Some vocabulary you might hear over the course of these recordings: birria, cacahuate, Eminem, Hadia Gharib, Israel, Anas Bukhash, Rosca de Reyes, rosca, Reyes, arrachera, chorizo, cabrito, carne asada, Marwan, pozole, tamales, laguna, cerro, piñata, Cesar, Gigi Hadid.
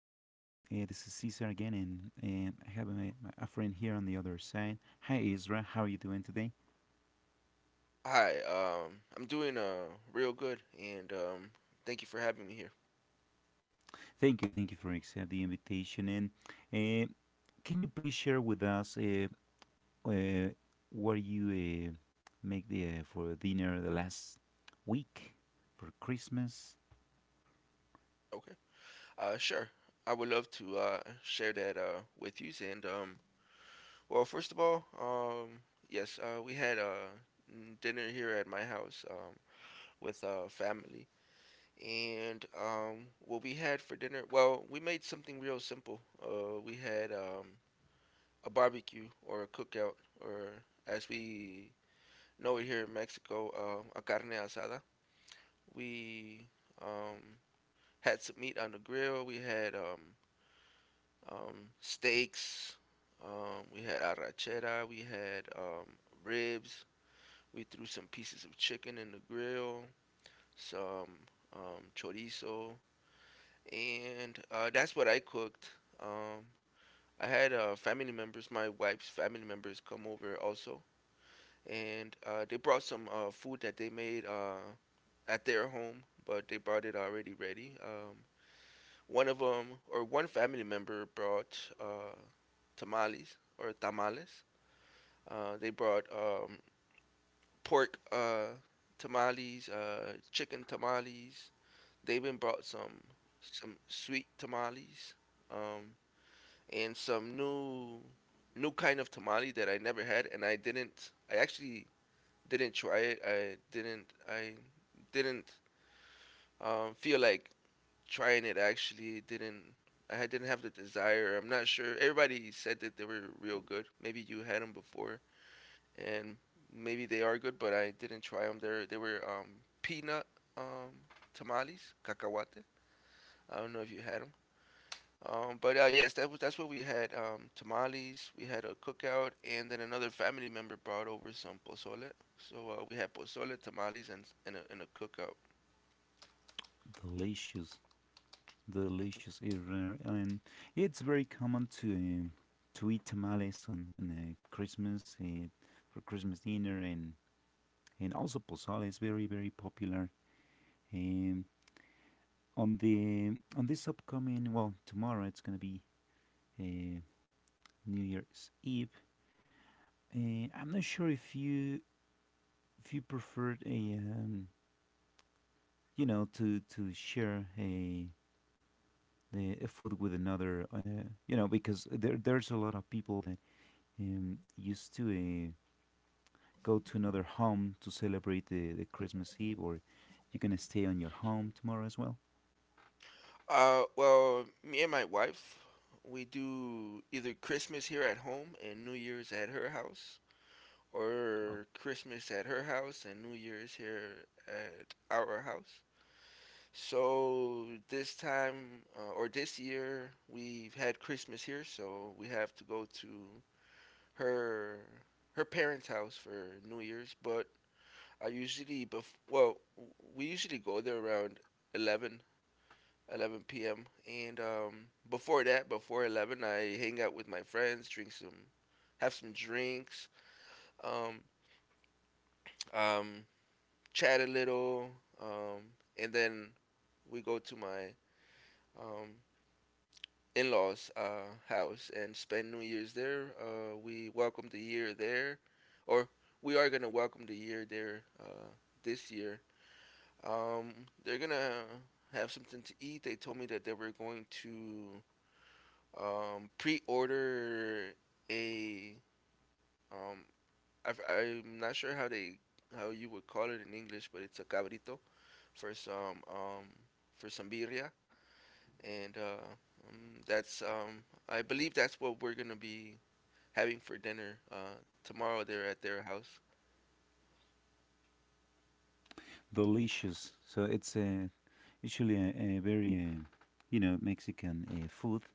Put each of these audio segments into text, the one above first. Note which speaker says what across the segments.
Speaker 1: This is Cesar again, and I have a friend here on the other side. Hi Isra, how are you doing today?
Speaker 2: I'm doing real good, and thank you for having me here.
Speaker 1: Thank you for accepting the invitation. And uh, can you please share with us uh, what you make the, for dinner the last week for Christmas?
Speaker 2: Okay. Sure. I would love to share that with you, and first of all, yes, we had dinner here at my house with family, and what we had for dinner, well, we made something real simple. We had a barbecue or a cookout, or as we know it here in Mexico, a carne asada. We um, had some meat on the grill. We had um, steaks. We had arrachera. We had ribs. We threw some pieces of chicken in the grill, some chorizo, and that's what I cooked. Um, I had family members, my wife's family members, come over also, and they brought some food that they made at their home, but they brought it already ready. One of them, or one family member, brought tamales or tamales. They brought pork tamales, chicken tamales. They even brought some sweet tamales, um, and some new kind of tamale that I never had, and I actually didn't try it. I didn't feel like trying it actually didn't I had- Didn't have the desire. I'm not sure. Everybody said that they were real good. Maybe you had them before, and maybe they are good, but I didn't try them. They were peanut um, tamales, cacahuate. I don't know if you had them. But Yes, that's what we had. Tamales. We had a cookout, and then another family member brought over some pozole. So we had pozole, tamales, and a cookout.
Speaker 1: Delicious delicious eater, and it's very common to to eat tamales on Christmas for Christmas dinner, and also pozole is very very popular. Um, on the on this upcoming, well, tomorrow it's gonna be uh, New Year's Eve. I'm not sure if you preferred a um, you know, to share a the a food with another because there's a lot of people that used to uh, go to another home to celebrate the Christmas Eve, or you can stay on your home tomorrow as well.
Speaker 2: Well, me and my wife, we do either Christmas here at home and New Year's at her house,
Speaker 1: Oh,
Speaker 2: or Christmas at her house and New Year's here at our house. So this time, or this year, we've had Christmas here, so we have to go to her her parents' house for New Year's. But I usually, we usually go there around 11 11 p.m. And before that, before 11, I hang out with my friends, have some drinks, um, um, chat a little, um, and then we go to my um, in-laws' house and spend New Year's there. We welcome the year there, or we are gonna welcome the year there this year. Um, they're gonna have something to eat. They told me that they were going to pre-order a um I'm not sure how you would call it in English, but it's a cabrito for some birria, and that's I believe that's what we're gonna be having for dinner tomorrow there at their house.
Speaker 1: delicious. So it's usually a very, you know, Mexican food.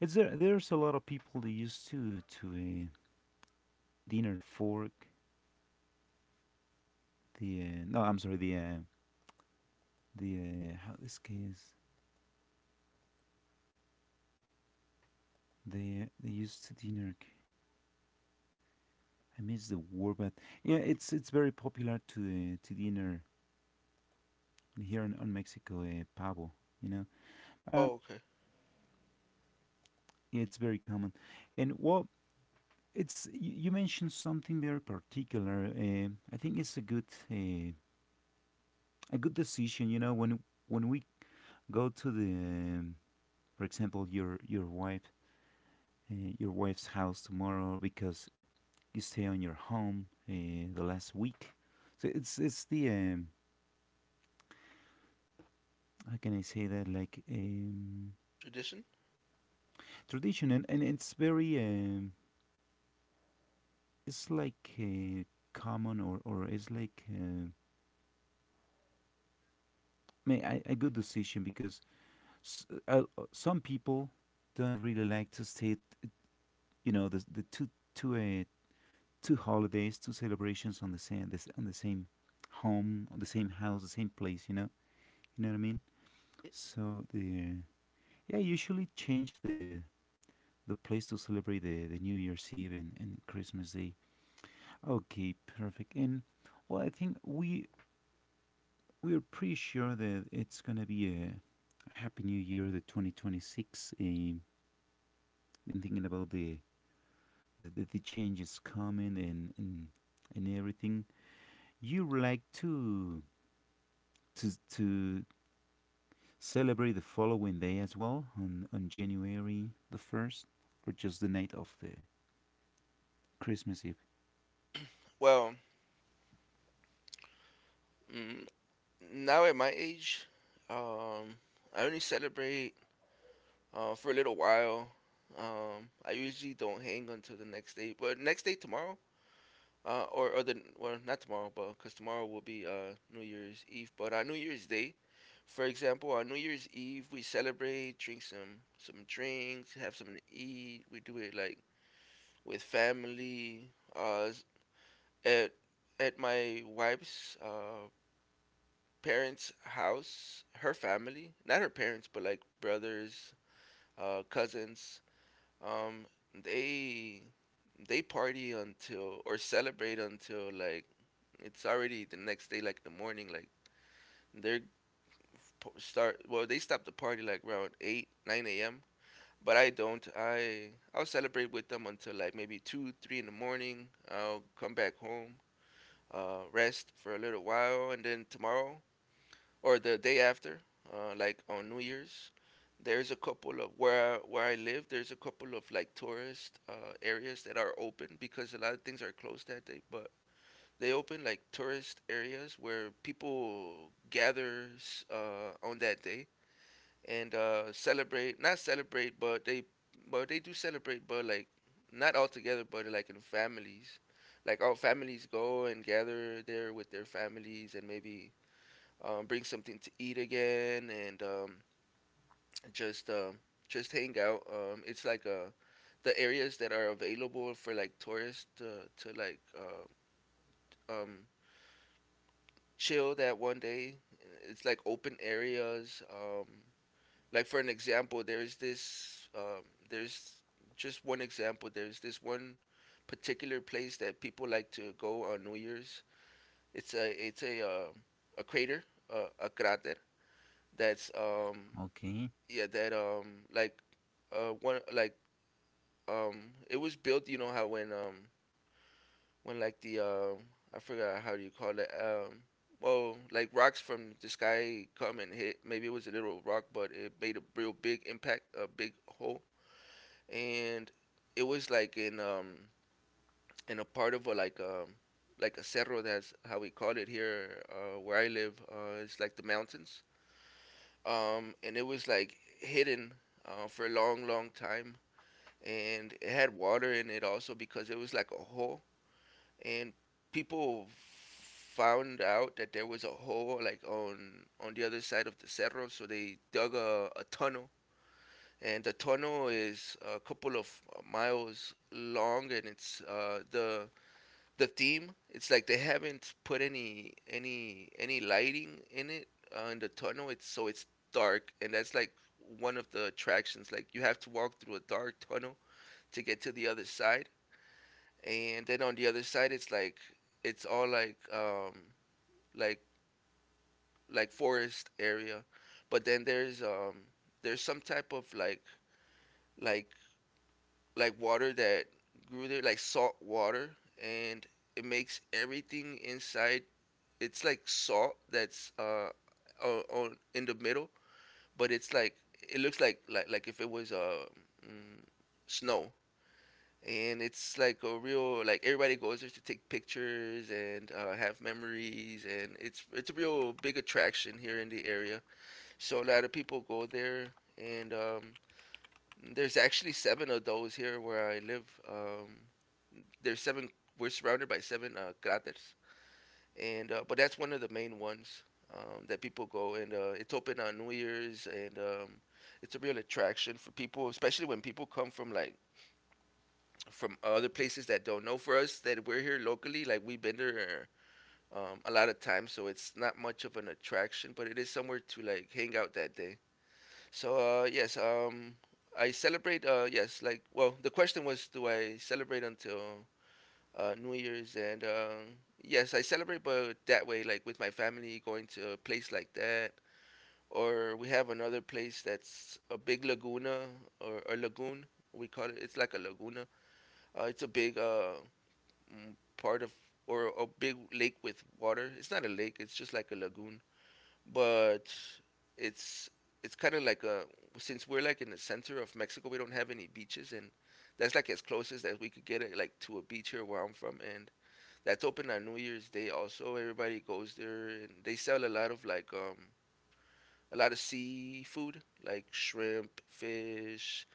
Speaker 1: It's there. There's a lot of people that used to dinner fork. The no, I'm sorry. The how this case they used to dinner. I miss the word, but yeah, it's very popular to to dinner here in, on Mexico. Pavo, you know. Uh,
Speaker 2: Oh, okay.
Speaker 1: Yeah, it's very common. And well, it's you mentioned something very particular. I think it's uh, a good decision. You know, when we go to the, for example, your wife your wife's house tomorrow because you stay on your home the last week. So it's the how can I say that, like,
Speaker 2: Tradition?
Speaker 1: tradition, and, it's very it's like, common, or it's like. A good decision because some people don't really like to stay, t- you know, the two uh, two holidays, two celebrations on the same, this on the same home, on the same house, the same place. You know what I mean. So the, yeah, usually change the place to celebrate the New Year's Eve and, Christmas Day. Okay, perfect. And well, I think we're pretty sure that it's gonna be a happy New Year, the 2026. Been thinking about the changes coming and everything. You like to to to celebrate the following day as well on January the first, or just the night of the Christmas Eve.
Speaker 2: Well, mm, now at my age, um I only celebrate for a little while. I usually don't hang until the next day, but next day tomorrow, or the well, not tomorrow, but because tomorrow will be New Year's Eve, but on New Year's Day, for example, on New Year's Eve we celebrate, drink some drinks, have something to eat. We do it like with family, at at my wife's parents' house, her family, not her parents, but like brothers, cousins. Um, they they party until, or celebrate until, like it's already the next day, like the morning. Like they're f- po- start well, they stop the party like around eight, nine a.m. But I don't. I'll celebrate with them until like maybe two, three in the morning. I'll come back home, rest for a little while, and then tomorrow, or the day after, like on New Year's, there's a couple of where I live there's a couple of like tourist areas that are open because a lot of things are closed that day. But they open like tourist areas where people gathers on that day and celebrate. Not celebrate, but they do celebrate. But like not all together, but like in families. Like all families go and gather there with their families and maybe bring something to eat again, and just um, just hang out. It's like the areas that are available for like tourists to um, chill that one day. It's like open areas. Like for an example, there's this there's just one example. There's this one particular place that people like to go on New Year's. It's a crater, a crater that's
Speaker 1: Okay,
Speaker 2: yeah that like one like it was built. You know how when like the I forgot how you call it, like rocks from the sky come and hit, maybe it was a little rock but it made a real big impact, a big hole, and it was like in a part of a like a cerro, that's how we call it here where I live, it's like the mountains. And it was like hidden for a long time, and it had water in it also because it was like a hole, and people found out that there was a hole like on the other side of the cerro, so they dug a tunnel, and the tunnel is a couple of miles long, and it's the theme, it's like they haven't put any any lighting in it, in the tunnel, it's so it's dark, and that's like one of the attractions. Like you have to walk through a dark tunnel to get to the other side. And then on the other side, it's like it's all like like forest area, but then there's some type of like water that grew there, like salt water, and it makes everything inside. It's like salt that's on in the middle, but it's like it looks like, if it was mm, snow, and it's like a real, like, everybody goes there to take pictures and have memories, and it's a real big attraction here in the area. So a lot of people go there, and there's actually seven of those here where I live. There's seven, we're surrounded by seven craters. And uh, but that's one of the main ones that people go, and it's open on New Year's. And it's a real attraction for people, especially when people come from from other places that don't know. For us that we're here locally, like we've been there a lot of times, so it's not much of an attraction, but it is somewhere to like hang out that day. So yes, I celebrate, well, the question was do I celebrate until New Year's, and yes, I celebrate, but that way, like with my family going to a place like that, or we have another place that's a big laguna, or a lagoon we call it. It's like a laguna, it's a big mm, part of, or a big lake with water. It's not a lake, it's just like a lagoon, but it's it's kind of like a, since we're like in the center of Mexico, we don't have any beaches, and that's like as close as that we could get it, like to a beach here where I'm from, and that's open on New Year's Day also. Everybody goes there, and they sell a lot of a lot of seafood, like shrimp, fish,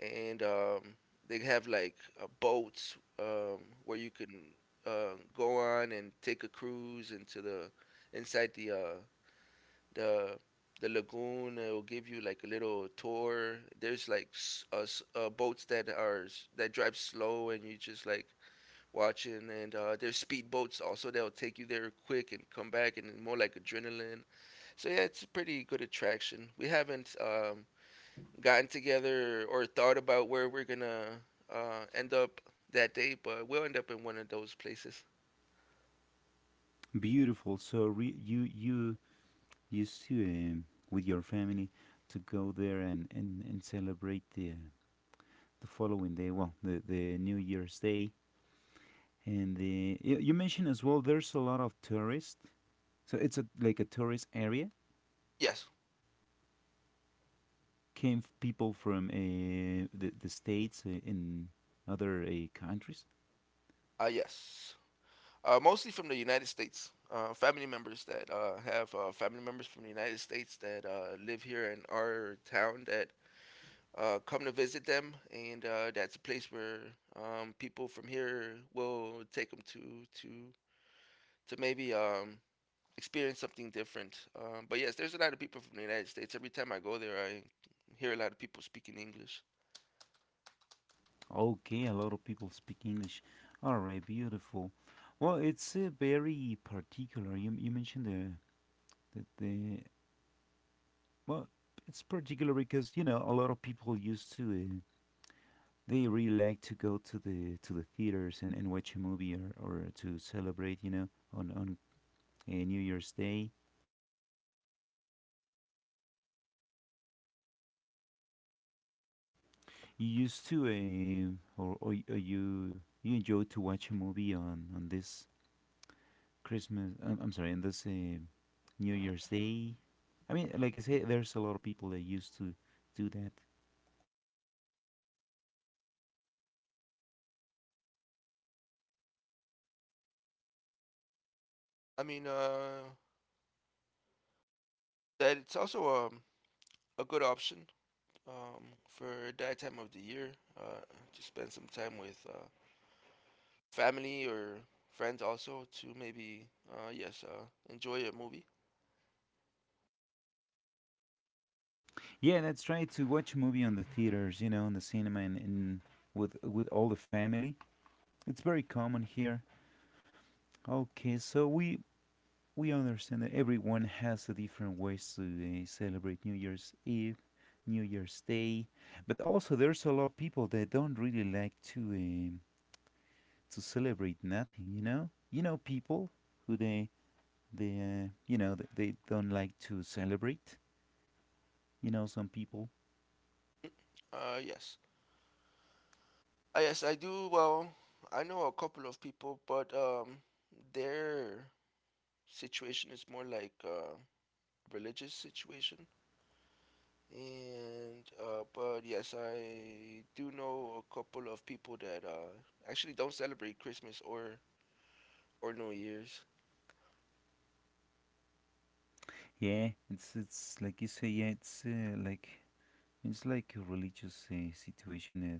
Speaker 2: and they have like boats where you can go on and take a cruise into the inside the the the lagoon. It'll give you like a little tour. There's like boats that are that drive slow, and you just like watching. And there's speed boats also. They'll take you there quick and come back, and more like adrenaline. So yeah, it's a pretty good attraction. We haven't gotten together or thought about where we're gonna end up that day, but we'll end up in one of those places.
Speaker 1: beautiful. So you used to, with your family, to go there and celebrate the following day. Well, the New Year's Day. And you mentioned as well, there's a lot of tourists. So it's a, like a tourist area,
Speaker 2: Yes,
Speaker 1: came people from the states in other countries.
Speaker 2: yes. Mostly from the United States. Family members that have family members from the United States that live here in our town that come to visit them, and that's a place where people from here will take them to to maybe experience something different. But yes, there's a lot of people from the United States. Every time I go there, I hear a lot of people speaking English.
Speaker 1: Okay, a lot of people speak English. All right, beautiful. Well, it's very particular. You mentioned the, well, it's particular because, you know, a lot of people used to, they really like to go to the theaters and, watch a movie, or, to celebrate, you know, on on New Year's Day. You used to, or you enjoy to watch a movie on this Christmas. I'm, sorry, on this New Year's Day. I mean, like I say, there's a lot of people that used to do that.
Speaker 2: I mean, uh, that it's also a good option um, for that time of the year uh, to spend some time with family or friends, also to maybe uh, yes uh, enjoy a movie.
Speaker 1: Yeah, that's right. To watch a movie on the theaters, you know, in the cinema, and, with all the family. It's very common here. Okay, so we understand that everyone has a different ways to celebrate New Year's Eve, New Year's Day, but also there's a lot of people that don't really like to to celebrate nothing. You know, people, who they they don't like to celebrate. You know, some people.
Speaker 2: Uh, yes, yes, I do. Well, I know a couple of people, but their situation is more like religious situation. And but yes, I do know a couple of people that actually don't celebrate Christmas or New Year's.
Speaker 1: Yeah, it's like you say. Yeah, it's like, a religious situation.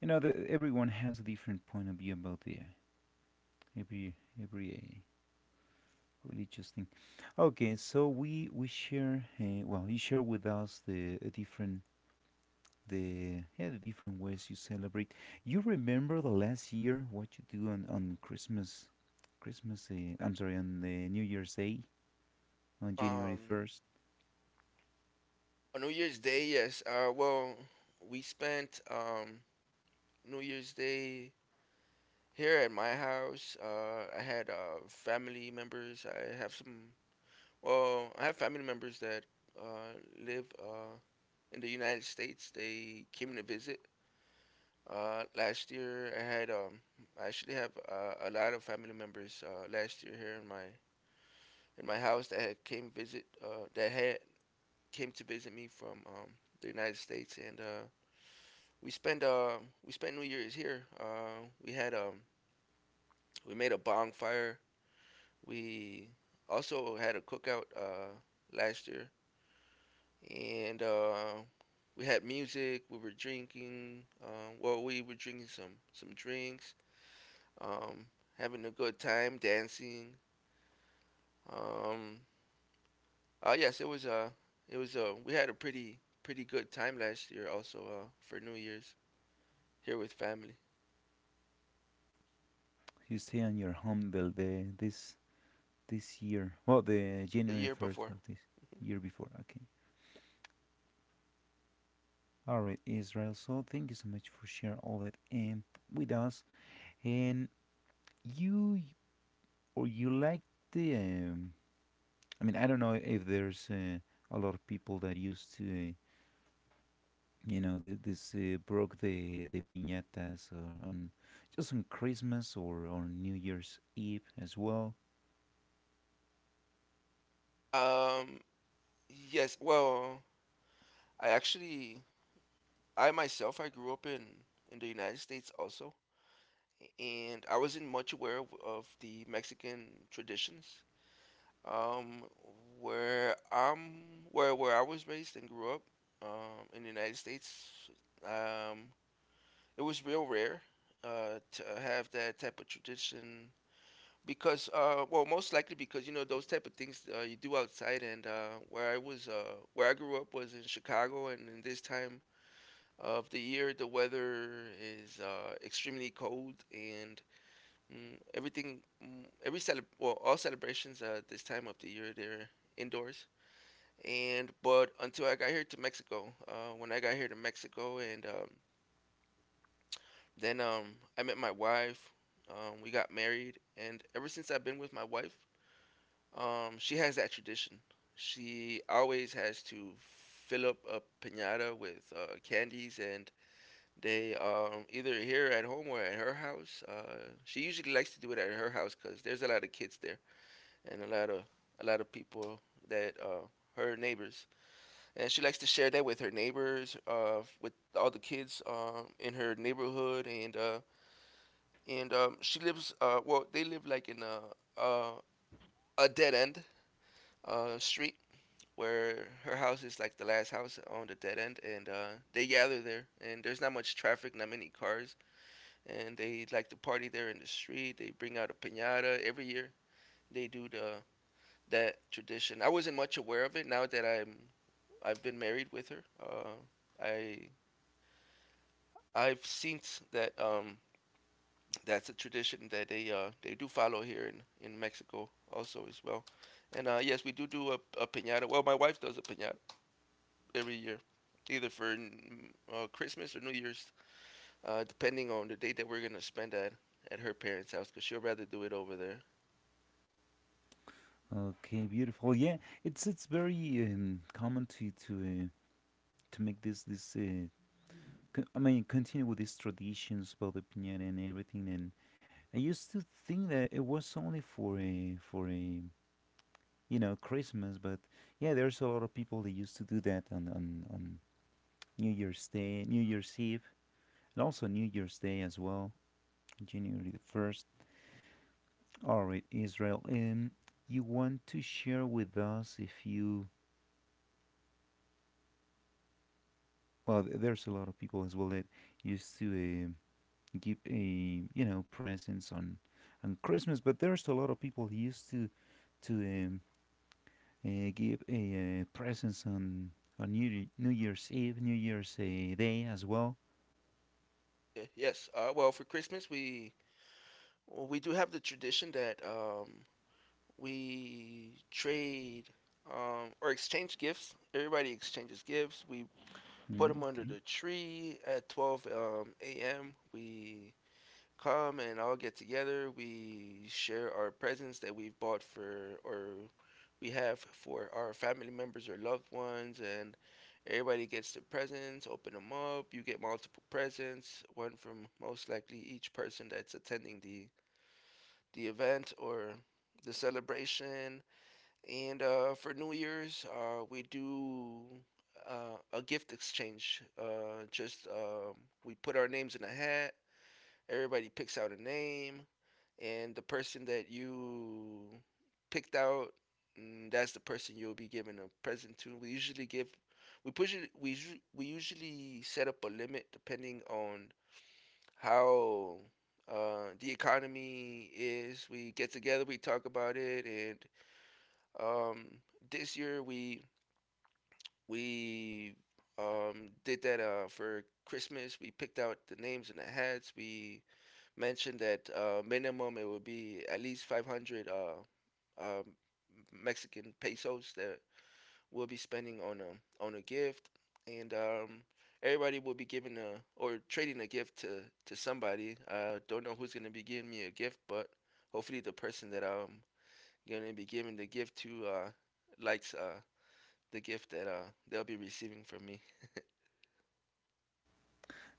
Speaker 1: You know, everyone has a different point of view about the every every. Religious thing. Okay, so we share, well, you share with us the different, the yeah the different ways you celebrate. You remember, the last year, what you do on Christmas, Christmas. I'm sorry, on the New Year's Day, on January
Speaker 2: Um,
Speaker 1: first.
Speaker 2: on New Year's Day, yes. Well, we spent New Year's Day here at my house. I had family members. I have some. Well, I have family members that uh, live in the United States. They came to visit. Last year I had I actually have a lot of family members last year here in my house that had came visit that had came to visit me from the United States, and we spent uh, we spent New Year's here. We made a bonfire. We also had a cookout last year, and we had music. We were drinking. We were drinking some drinks, um, having a good time dancing. Um, yes, it was. It was. We had a pretty good time last year, also for New Year's here with family.
Speaker 1: You stay on your home, the this year. Well, the
Speaker 2: The
Speaker 1: January
Speaker 2: year
Speaker 1: first
Speaker 2: before.
Speaker 1: of this year before. Okay. All right, Israel. So thank you so much for share all that, with us. And you Or you like the? I mean, I don't know if there's a lot of people that used to, you know, this broke the piñatas, or on just on Christmas or on New Year's Eve as well.
Speaker 2: Um, yes. I actually, I myself, I grew up in the United States also, and I wasn't much aware of the Mexican traditions. Um, where I'm, where I was raised and grew up, in the United States, um, it was real rare to have that type of tradition because, most likely because you know those type of things you do outside, and where I grew up was in Chicago, and in this time of the year, the weather is extremely cold, and mm, everything, mm, every cele, well, all celebrations this time of the year they're indoors. And but Until I got here to Mexico, when I got here to Mexico, and then I met my wife. We got married, and ever since I've been with my wife, she has that tradition. She always has to fill up a pinata with candies, and they either here at home or at her house. She usually likes to do it at her house because there's a lot of kids there and a lot of people that her neighbors. And she likes to share that with her neighbors, with all the kids in her neighborhood, and she lives. They live like in a dead end street where her house is like the last house on the dead end, and they gather there. And there's not much traffic, not many cars, and they like to party there in the street. They bring out a piñata every year. They do the that tradition. I wasn't much aware of it. Now that I've been married with her, I I've seen that's a tradition that they do follow here in Mexico also as well. And yes, we do do a piñata. Well, my wife does a piñata every year, either for Christmas or New Year's, depending on the date that we're gonna spend at her parents' house, because she'll rather do it over there.
Speaker 1: Okay, beautiful. Yeah, it's very common to to make this. I mean, continue with these traditions about the piñata and everything. And I used to think that it was only for a, you know, Christmas. But yeah, there's a lot of people that used to do that on on New Year's Day, New Year's Eve, and also New Year's Day as well, January the first. All right, Israel. You want to share with us if you, well, there's a lot of people as well that used to, give a, you know, presents on Christmas, but there's a lot of people who used to to um, give a presents on New Year's Eve, New Year's Day as well.
Speaker 2: Yeah, yes. For Christmas we we do have the tradition that we trade or exchange gifts. Everybody exchanges gifts. We put them
Speaker 1: Mm,
Speaker 2: under
Speaker 1: okay.
Speaker 2: the tree at 12 a.m. We come and all get together. We share our presents that we've bought for or we have for our family members or loved ones, and everybody gets their presents. Open them up. You get multiple presents, one from most likely each person that's attending the event or the celebration. And for New Year's, we do a gift exchange. Just we put our names in a hat. Everybody picks out a name, and the person that you picked out, that's the person you'll be giving a present to. We usually give, we push it, we usu- we usually set up a limit depending on how the economy is. We get together, we talk about it, and um, this year we did that for Christmas. We picked out the names and the hats. We mentioned that minimum it would be at least 500 um, Mexican pesos that we'll be spending on a gift, and everybody will be giving a or trading a gift to somebody. I don't know who's gonna be giving me a gift, but hopefully the person that I'm gonna be giving the gift to likes the gift that they'll be receiving from me.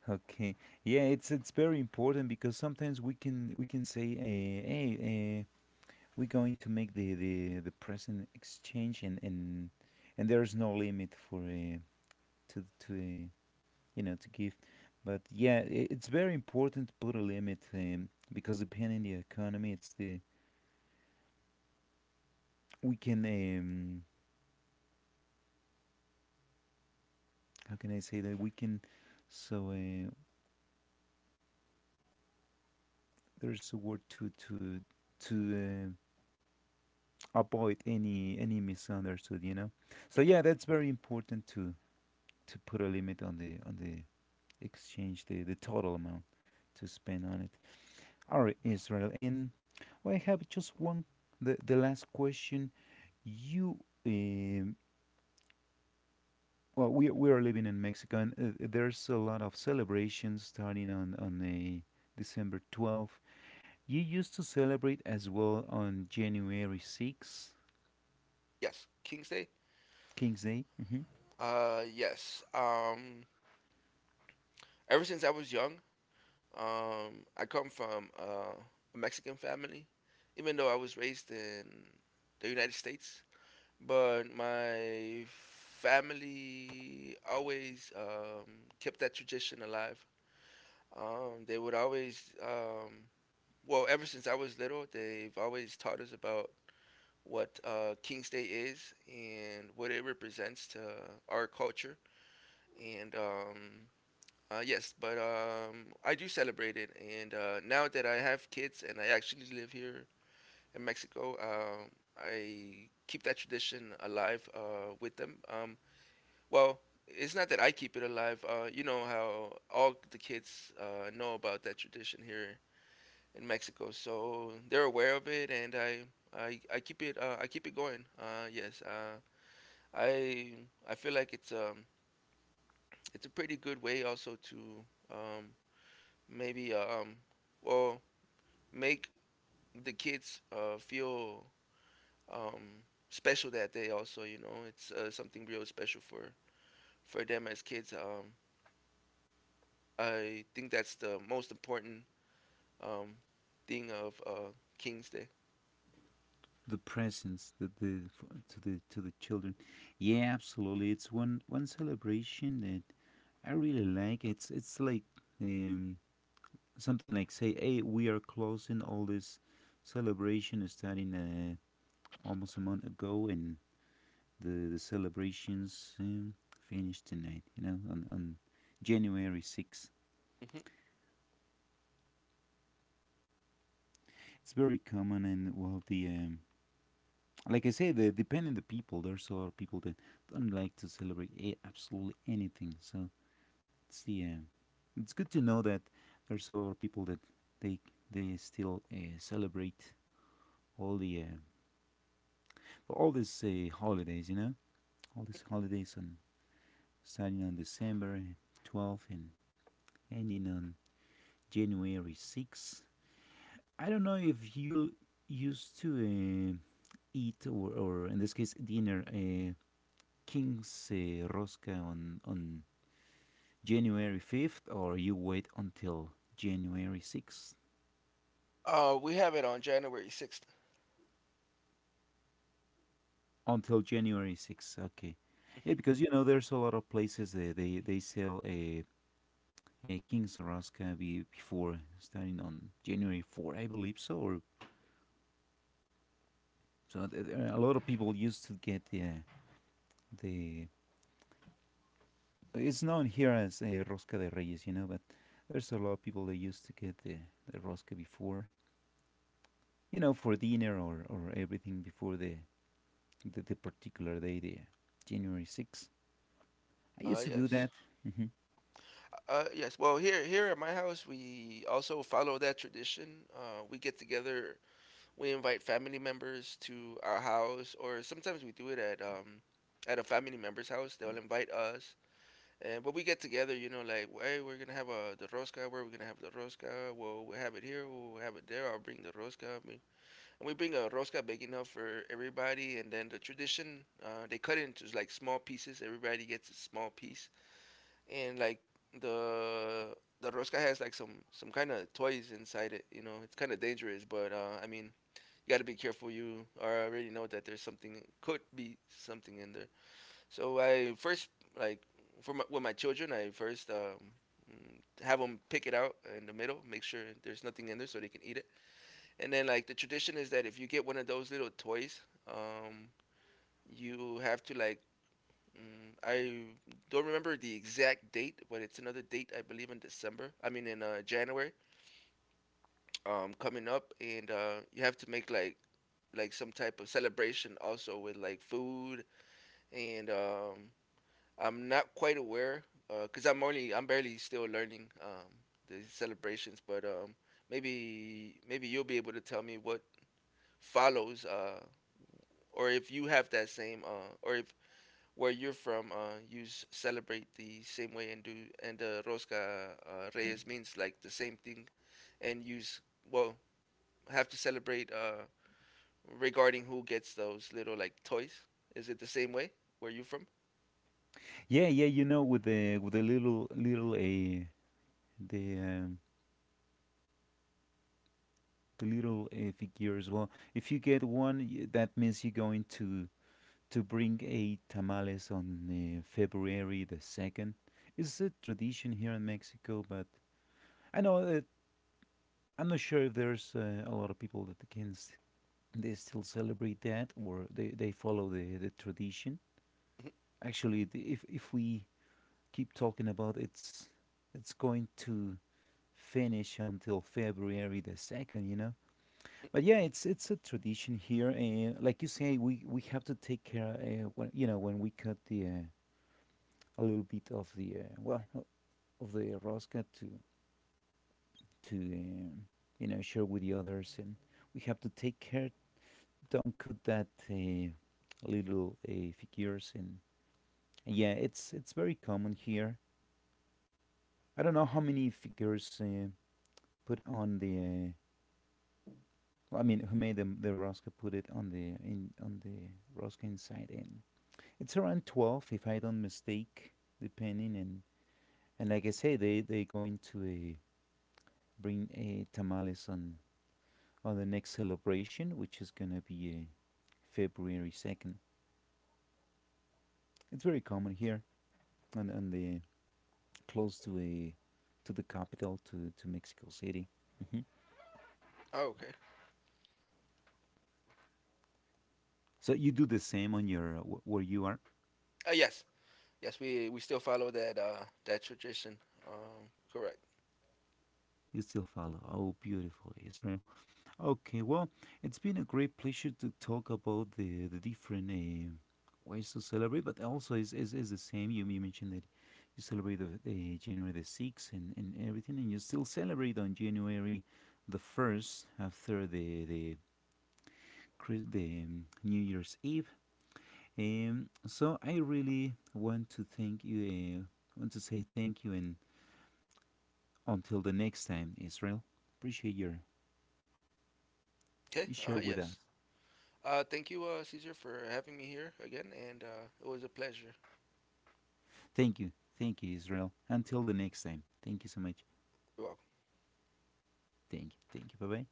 Speaker 1: Okay. Yeah, it's very important because sometimes we can say, "Hey, we're going to make the present exchange," and there's no limit for, to you know, to give. But yeah, I it's very important to put a limit, because depending the economy, it's the, we can how can I say that we can so, there's a word to to uh, avoid any misunderstood, you know. So
Speaker 2: Mhm.
Speaker 1: yeah, that's very important, to put a limit on the exchange, the total amount to spend on it. All right, Israel, and well, I have just one, the last question. You, um we are living in Mexico, and there's a lot of celebrations starting on the December 12th. You used to celebrate as well on January 6th?
Speaker 2: Yes, King's Day.
Speaker 1: King's Day.
Speaker 2: Yes. Ever since I was young, I come from a Mexican family, even though I was raised in the United States. But my family always kept that tradition alive. They would always, ever since I was little, they've always taught us about what King's Day is and what it represents to our culture. And yes, but I do celebrate it. And now that I have kids and I actually live here in Mexico, I keep that tradition alive with them. Well, it's not that I keep it alive. You know how all the kids know about that tradition here in Mexico, so they're aware of it, and I keep it going. Yes, I I feel like it's a pretty good way also to um maybe well make the kids feel um special that day also. You know, it's something real special for them as kids. I think that's the most important um thing of King's Day.
Speaker 1: The presents, that, the, to the, to the children. Yeah, absolutely. It's one celebration that I really like. It's like, um something, like, say, hey, we are closing all this celebration starting, almost a month ago, and the celebrations, finished tonight, you know, on January 6th.
Speaker 2: Hmm.
Speaker 1: It's very common. And well, the, depending on the people, there's a lot of people that don't like to celebrate, absolutely anything. So it's the it's good to know that there's a lot of people that they still celebrate all the, for all these, holidays, you know, all these holidays on, starting on December 12th and ending on January 6th. I don't know if you used to, eat or in this case dinner, King's Rosca on January 5th, or you wait until January 6th.
Speaker 2: We have it on January 6th.
Speaker 1: Until January 6th. Okay. Yeah,
Speaker 2: Hmm.
Speaker 1: because, you know, there's a lot of places, they sell a King's Rasca, before starting on January 4th, I believe so. Or, so there are a lot of people used to get the, the it's known here as a Rosca de Reyes, you know, but there's a lot of people that used to get the Rosca before, you know, for dinner, or everything before the particular day, the January 6th. I
Speaker 2: Uh
Speaker 1: used to do
Speaker 2: yes.
Speaker 1: that. Mm-hmm.
Speaker 2: Yes. Well, here here at my house, we also follow that tradition. We get together. We invite family members to our house, or sometimes we do it at a family member's house. They'll invite us, and but we get together. You know, like hey, we're gonna have a the rosca. Where we're gonna have the rosca? Well, we have it here. We'll have it there. I'll bring the rosca. I mean, and we bring a rosca big enough for everybody. And then the tradition, they cut it into like small pieces. Everybody gets a small piece, and like the the Roska has like some kind of toys inside it. You know, it's kind of dangerous, but I mean, you gotta be careful. You already know that there's something could be something in there. So I first, like for my, with my children, I first have them pick it out in the middle, make sure there's nothing in there so they can eat it. And then like the tradition is that if you get one of those little toys, um, you have to like I don't remember the exact date, but it's another date I believe in December. I mean in January, coming up, and you have to make like some type of celebration also with like food and I'm not quite aware because 'cause I'm only I'm barely still learning the celebrations, but maybe you'll be able to tell me what follows or if you have that same or if where you're from, celebrate the same way and do and Rosca Reyes means like the same thing, and you well have to celebrate regarding who gets those little like toys. Is it the same way where you from?
Speaker 1: Yeah, yeah, you know, with the, with the little the um, the little figure as well. If you get one, that means you're going to bring a tamales on, February the second. It's a tradition here in Mexico, but I know that, I'm not sure if there's a lot of people that can they still celebrate that, or they, follow the tradition.
Speaker 2: Mhm.
Speaker 1: Actually, if we keep talking about it's going to finish until February the 2nd, you know. But yeah, it's a tradition here, and like you say, we have to take care, when, you know, when we cut the, a little bit of the, well, of the rosca, to to um you know, share with the others, and we have to take care, don't cut that, little, figures, and yeah, it's very common here. I don't know how many figures, put on the, well, I mean, who made the rosca? Put it on the, in on the rosca inside, and it's around 12, if I don't mistake, depending. And like I say, they going to, uh, bring a tamales on the next celebration, which is gonna be, February 2nd. It's very common here, on the, close to a, to the capital, to Mexico City. Hmm.
Speaker 2: Oh, okay.
Speaker 1: So you do the same on your, where you are.
Speaker 2: Uh, yes, yes, we still follow that that tradition. Correct.
Speaker 1: You still follow. Oh, beautiful, Israel. Okay, well, it's been a great pleasure to talk about the different ways to celebrate, but also is is the same. You, mentioned that you celebrate the, January the sixth, and everything, and you still celebrate on January the first, after the, New Year's Eve. So I really want to thank you. Want to say thank you, and until the next time, Israel. Appreciate your,
Speaker 2: Okay.
Speaker 1: you share with
Speaker 2: Yes.
Speaker 1: us.
Speaker 2: Thank you, Caesar, for having me here again, and it was a pleasure.
Speaker 1: Thank you. Thank you, Israel. Until the next time. Thank you so much.
Speaker 2: You're welcome.
Speaker 1: Thank you. Thank you. Bye bye.